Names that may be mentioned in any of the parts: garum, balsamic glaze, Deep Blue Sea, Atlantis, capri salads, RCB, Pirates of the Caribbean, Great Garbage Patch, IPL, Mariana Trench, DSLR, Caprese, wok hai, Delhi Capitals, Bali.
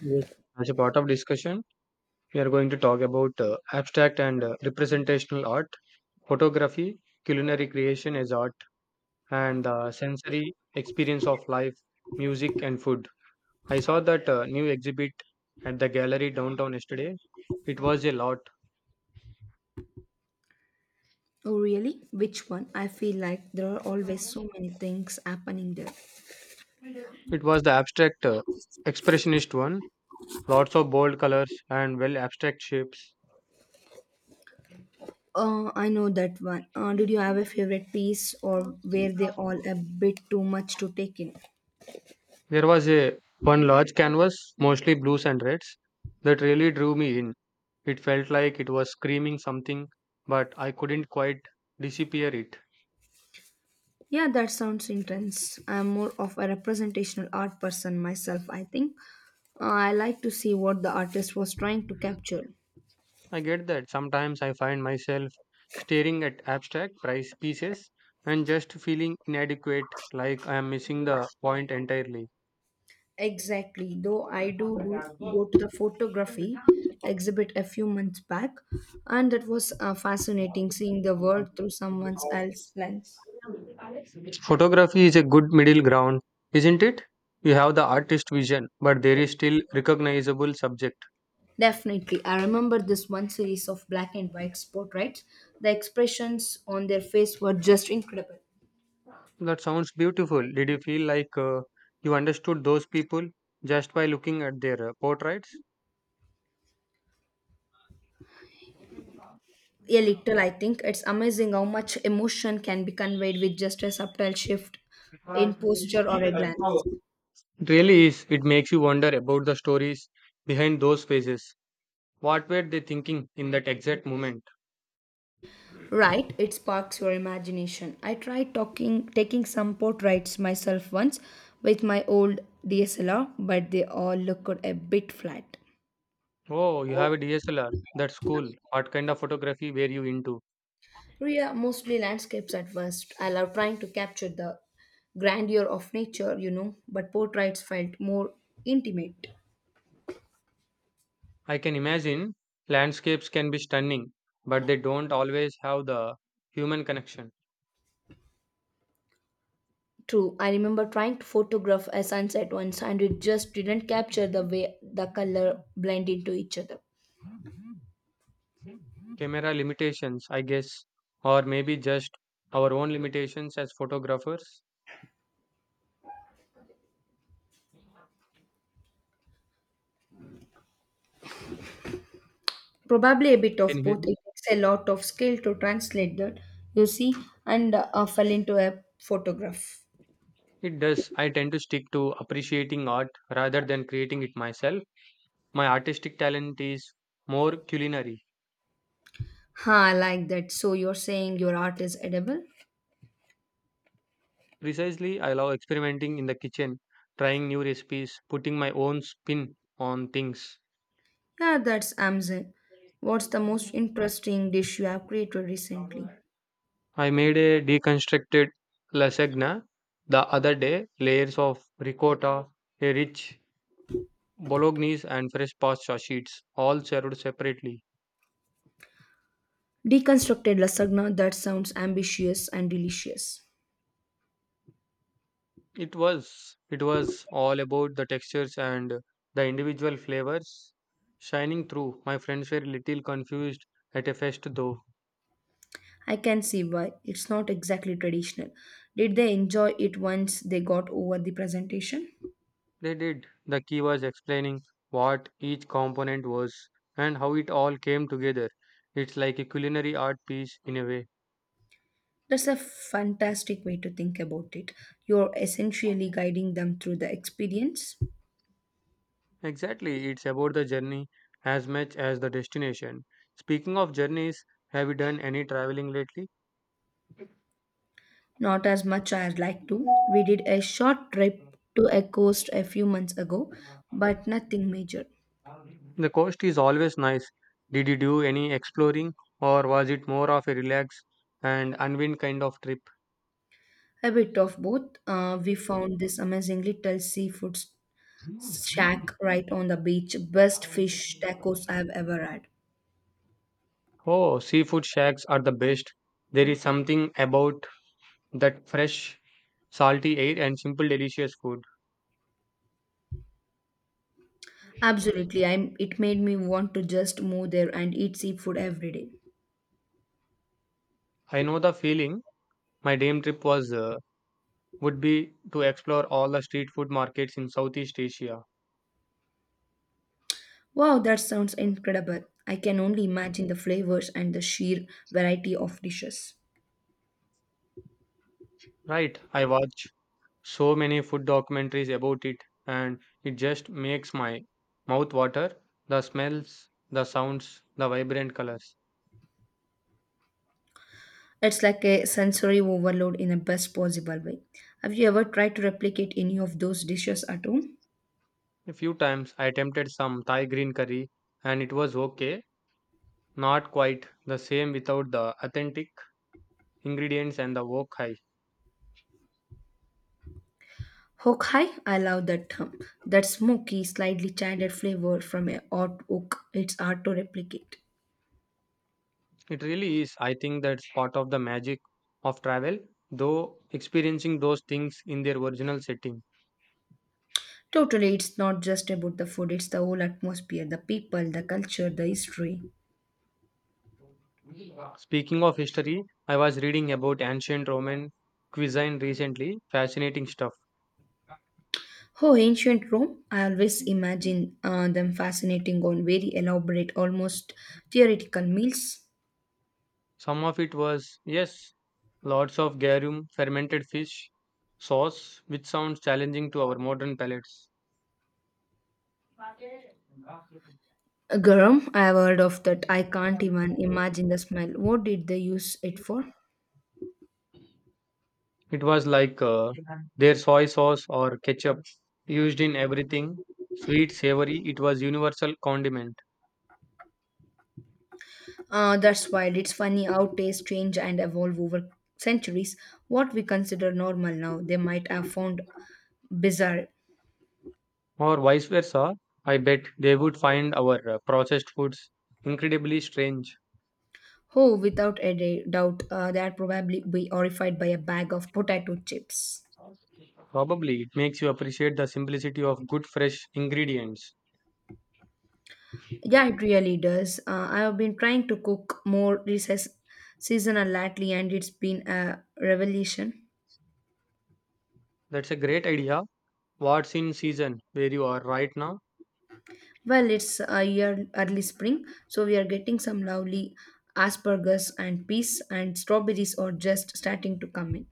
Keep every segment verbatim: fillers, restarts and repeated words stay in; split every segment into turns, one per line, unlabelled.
Yes. As a part of discussion, we are going to talk about uh, abstract and uh, representational art, photography, culinary creation as art, and the sensory experience of life, music, and food. I saw that uh, new exhibit at the gallery downtown yesterday. It was a lot.
Oh, really? Which one? I feel like there are always so many things happening there.
It was the abstract uh, expressionist one, lots of bold colors and well abstract shapes.
Uh, I know that one. Uh, did you have a favorite piece or were they all a bit too much to take in?
There was a one large canvas, mostly blues and reds, that really drew me in. It felt like it was screaming something, but I couldn't quite disappear it.
Yeah, that sounds intense. I'm more of a representational art person myself, I think. Uh, I like to see what the artist was trying to capture.
I get that. Sometimes I find myself staring at abstract price pieces and just feeling inadequate, like I am missing the point entirely.
Exactly, though I do, do go to the photography exhibit a few months back, and that was uh, fascinating seeing the world through someone else's lens.
Photography is a good middle ground, isn't it? You have the artist vision, but there is still recognizable subject.
Definitely, I remember this one series of black and white portraits. The expressions on their face were just incredible.
That sounds beautiful. Did you feel like uh, you understood those people just by looking at their uh, portraits?
A little, I think. It's amazing how much emotion can be conveyed with just a subtle shift in posture or a glance.
Really is. It makes you wonder about the stories behind those faces. What were they thinking in that exact moment?
Right, it sparks your imagination. I tried talking taking some portraits myself once with my old D S L R, but they all looked a bit flat.
Oh, you have a D S L R. That's cool. What kind of photography were you into?
Ria, mostly landscapes at first. I love trying to capture the grandeur of nature, you know, but portraits felt more intimate.
I can imagine landscapes can be stunning, but they don't always have the human connection.
True, I remember trying to photograph a sunset once and it just didn't capture the way the color blend into each other.
Camera limitations, I guess, or maybe just our own limitations as photographers.
Probably a bit
Can
of
you hear
both.
me?
It takes a lot of skill to translate that you see and uh, fell into a photograph.
It does. I tend to stick to appreciating art rather than creating it myself. My artistic talent is more culinary.
Ha, I like that. So you're saying your art is edible?
Precisely, I love experimenting in the kitchen, trying new recipes, putting my own spin on things.
Yeah, that's amazon. What's the most interesting dish you have created recently?
I made a deconstructed lasagna the other day, layers of ricotta, a rich bolognese and fresh pasta sheets all served separately.
Deconstructed lasagna, that sounds ambitious and delicious.
It was it was all about the textures and the individual flavors shining through. My friends were a little confused at a first though.
I can see why, it's not exactly traditional. Did they enjoy it once they got over the presentation?
They did. The key was explaining what each component was and how it all came together. It's like a culinary art piece in a way.
That's a fantastic way to think about it. You're essentially guiding them through the experience.
Exactly, it's about the journey as much as the destination. Speaking of journeys, have you done any traveling lately?
Not as much as I'd like to. We did a short trip to a coast a few months ago, but nothing major.
The coast is always nice. Did you do any exploring or was it more of a relax and unwind kind of trip?
A bit of both. Uh, we found this amazingly little seafood s- shack right on the beach. Best fish tacos I've ever had.
Oh, seafood shacks are the best. There is something about that fresh, salty air and simple, delicious food.
Absolutely, I'm, it made me want to just move there and eat seafood every day.
I know the feeling. My dream trip was uh, would be to explore all the street food markets in Southeast Asia.
Wow, that sounds incredible. I can only imagine the flavors and the sheer variety of dishes.
Right, I watch so many food documentaries about it and it just makes my mouth water, the smells, the sounds, the vibrant colors.
It's like a sensory overload in the best possible way. Have you ever tried to replicate any of those dishes at home?
A few times I attempted some Thai green curry and it was okay, not quite the same without the authentic ingredients and the wok hai.
Hokhai, I love that term. That smoky, slightly childed flavor from a hot oak, it's hard to replicate.
It really is. I think that's part of the magic of travel, though, experiencing those things in their original setting.
Totally, it's not just about the food, it's the whole atmosphere, the people, the culture, the history.
Speaking of history, I was reading about ancient Roman cuisine recently. Fascinating stuff.
Oh, ancient Rome. I always imagine uh, them fascinating on very elaborate, almost theoretical meals.
Some of it was, yes, lots of garum, fermented fish, sauce, which sounds challenging to our modern palates.
Garum, I have heard of that. I can't even imagine the smell. What did they use it for?
It was like uh, their soy sauce or ketchup used in everything, sweet, savory, it was universal condiment.
Uh, that's wild. It's funny how tastes change and evolve over centuries. What we consider normal now, they might have found bizarre.
Or vice versa, I bet they would find our uh, processed foods incredibly strange.
Oh, without a da- doubt, uh, they'd probably be horrified by a bag of potato chips.
Probably it makes you appreciate the simplicity of good fresh ingredients.
Yeah, it really does. Uh, I have been trying to cook more this s- seasonal lately, and it's been a revelation.
That's a great idea. What's in season where you are right now?
Well, it's a year early spring, so we are getting some lovely asparagus and peas, and strawberries are just starting to come in.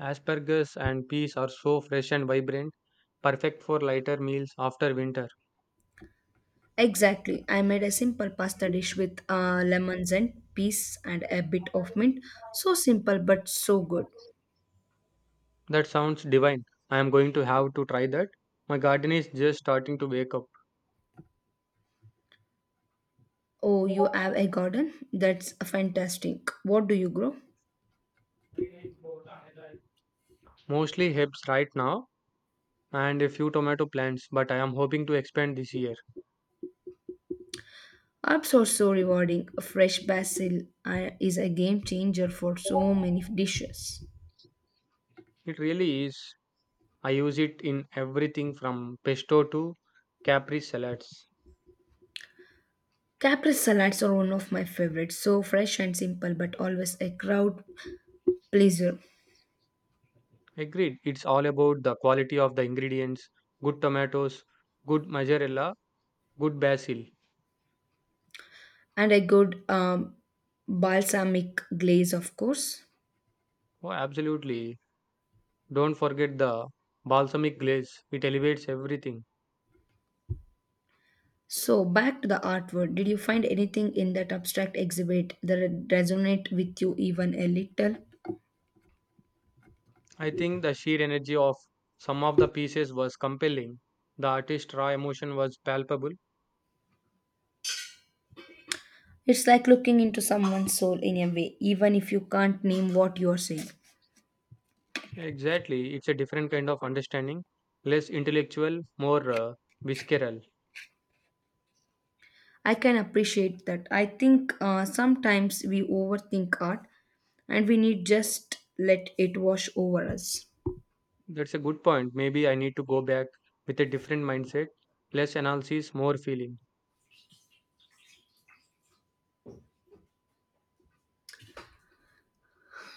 Asparagus and peas are so fresh and vibrant, perfect for lighter meals after winter.
Exactly. I made a simple pasta dish with uh, lemons and peas and a bit of mint. So simple, but so good.
That sounds divine. I am going to have to try that. My garden is just starting to wake up.
Oh, you have a garden? That's fantastic. What do you grow?
Mostly herbs right now and a few tomato plants, but I am hoping to expand this year.
Apps are so rewarding. A fresh basil uh, is a game changer for so many dishes.
It really is. I use it in everything from pesto to capri salads.
Caprese salads are one of my favorites. So fresh and simple, but always a crowd pleaser.
Agreed. It's all about the quality of the ingredients, good tomatoes, good mozzarella, good basil.
And a good um, balsamic glaze, of course.
Oh, absolutely. Don't forget the balsamic glaze. It elevates everything.
So back to the artwork. Did you find anything in that abstract exhibit that resonate with you even a little?
I think the sheer energy of some of the pieces was compelling. The artist's raw emotion was palpable.
It's like looking into someone's soul in a way, even if you can't name what you are saying.
Exactly. It's a different kind of understanding, less intellectual, more uh, visceral.
I can appreciate that. I think uh, sometimes we overthink art and we need just let it wash over us.
That's a good point. Maybe I need to go back with a different mindset, less analysis, more feeling.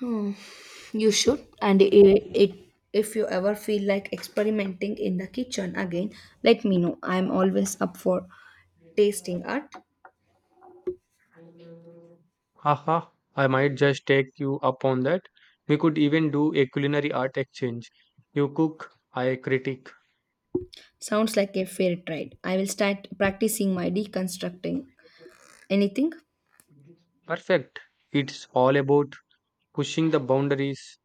Hmm, you should. And it, it, if you ever feel like experimenting in the kitchen again, let me know. I'm always up for tasting art.
Haha, I might just take you up on that. We could even do a culinary art exchange. You cook, I critique.
Sounds like a fair trade. I will start practicing my deconstructing. Anything?
Perfect. It's all about pushing the boundaries,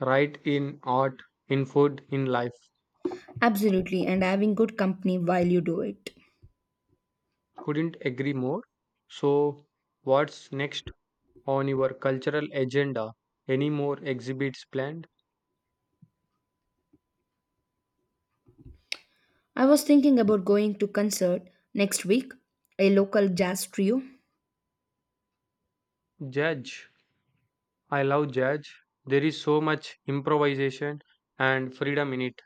right, in art, in food, in life.
Absolutely. And having good company while you do it.
Couldn't agree more. So, what's next on your cultural agenda? Any more exhibits planned?
I was thinking about going to concert next week, a local jazz trio.
Judge. I love jazz. There is so much improvisation and freedom in it.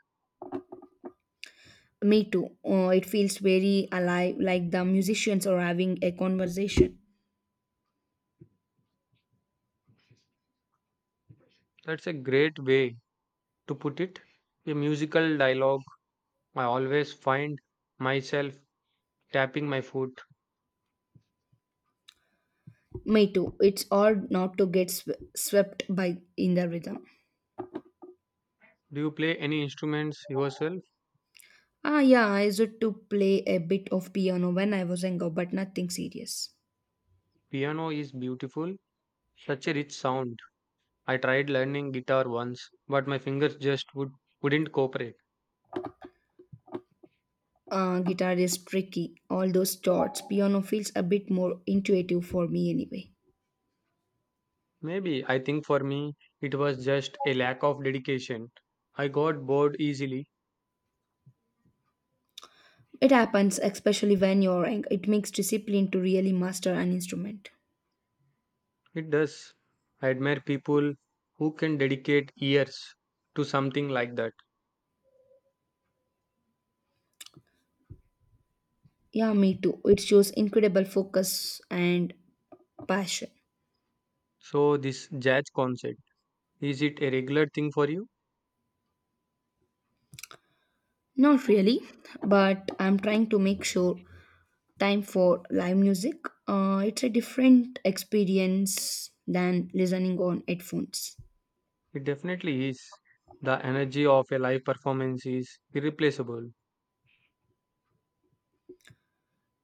Me too. Uh, it feels very alive, like the musicians are having a conversation.
That's a great way to put it, a musical dialogue. I always find myself tapping my foot.
Me too. It's hard not to get sw- swept by in the rhythm.
Do you play any instruments yourself?
Ah, yeah. I used to play a bit of piano when I was younger, but nothing serious.
Piano is beautiful, such a rich sound. I tried learning guitar once, but my fingers just would, wouldn't cooperate.
Uh, guitar is tricky. All those chords. Piano feels a bit more intuitive for me anyway.
Maybe I think for me it was just a lack of dedication. I got bored easily.
It happens, especially when you're young. It makes discipline to really master an instrument.
It does. I admire people who can dedicate years to something like that.
Yeah, me too. It shows incredible focus and passion.
So, this jazz concert, is it a regular thing for you?
Not really, but I'm trying to make sure time for live music. Uh, it's a different experience than listening on headphones.
It definitely is. The energy of a live performance is irreplaceable.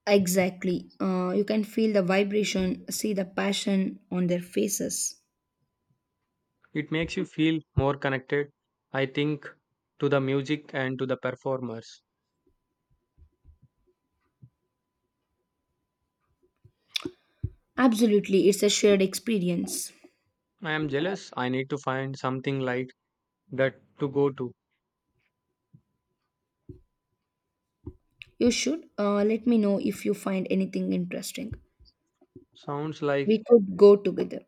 Exactly. Uh, you can feel the vibration, see the passion on their faces.
It makes you feel more connected, I think, to the music and to the performers.
Absolutely, it's a shared experience.
I am jealous. I need to find something like that to go to.
You should, uh, let me know if you find anything interesting.
Sounds
We
like
could go together.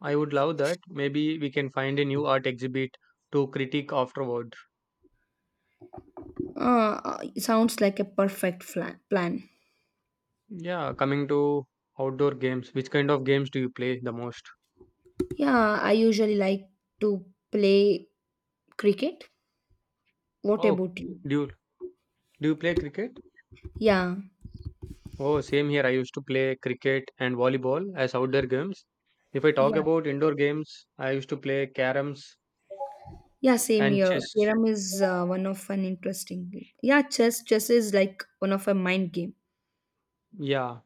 I would love that. Maybe we can find a new art exhibit to critique afterward.
Uh, uh, sounds like a perfect fla- plan.
Yeah, coming to outdoor games, which kind of games do you play the most?
Yeah, I usually like to play cricket. What
Oh,
about you?
do you, do you play cricket?
Yeah,
Oh, same here. I used to play cricket and volleyball as outdoor games. If I talk
yeah,
about indoor games, I used to play caroms
yeah. Same
and
here.
chess.
Theorem is uh, one of an interesting. Game. Yeah, chess. Chess is like one of a mind game.
Yeah.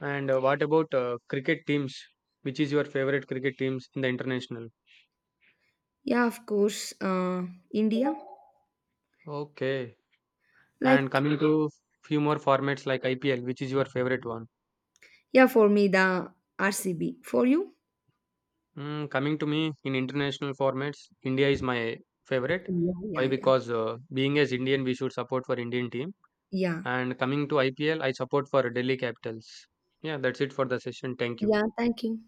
And uh, what about uh, cricket teams? Which is your favorite cricket teams in the international?
Yeah, of course. Uh, India.
Okay. And
Like
coming to few more formats like I P L, which is your favorite one?
yeah, for me the R C B. For you?
Mm, coming to me in international formats, India is my favorite.
Yeah,
Why?
yeah, yeah,
Because uh, being as Indian, we should support for Indian team.
yeah,
And coming to I P L, I support for Delhi Capitals. Yeah, that's it for the session. Thank you.
yeah. Thank you.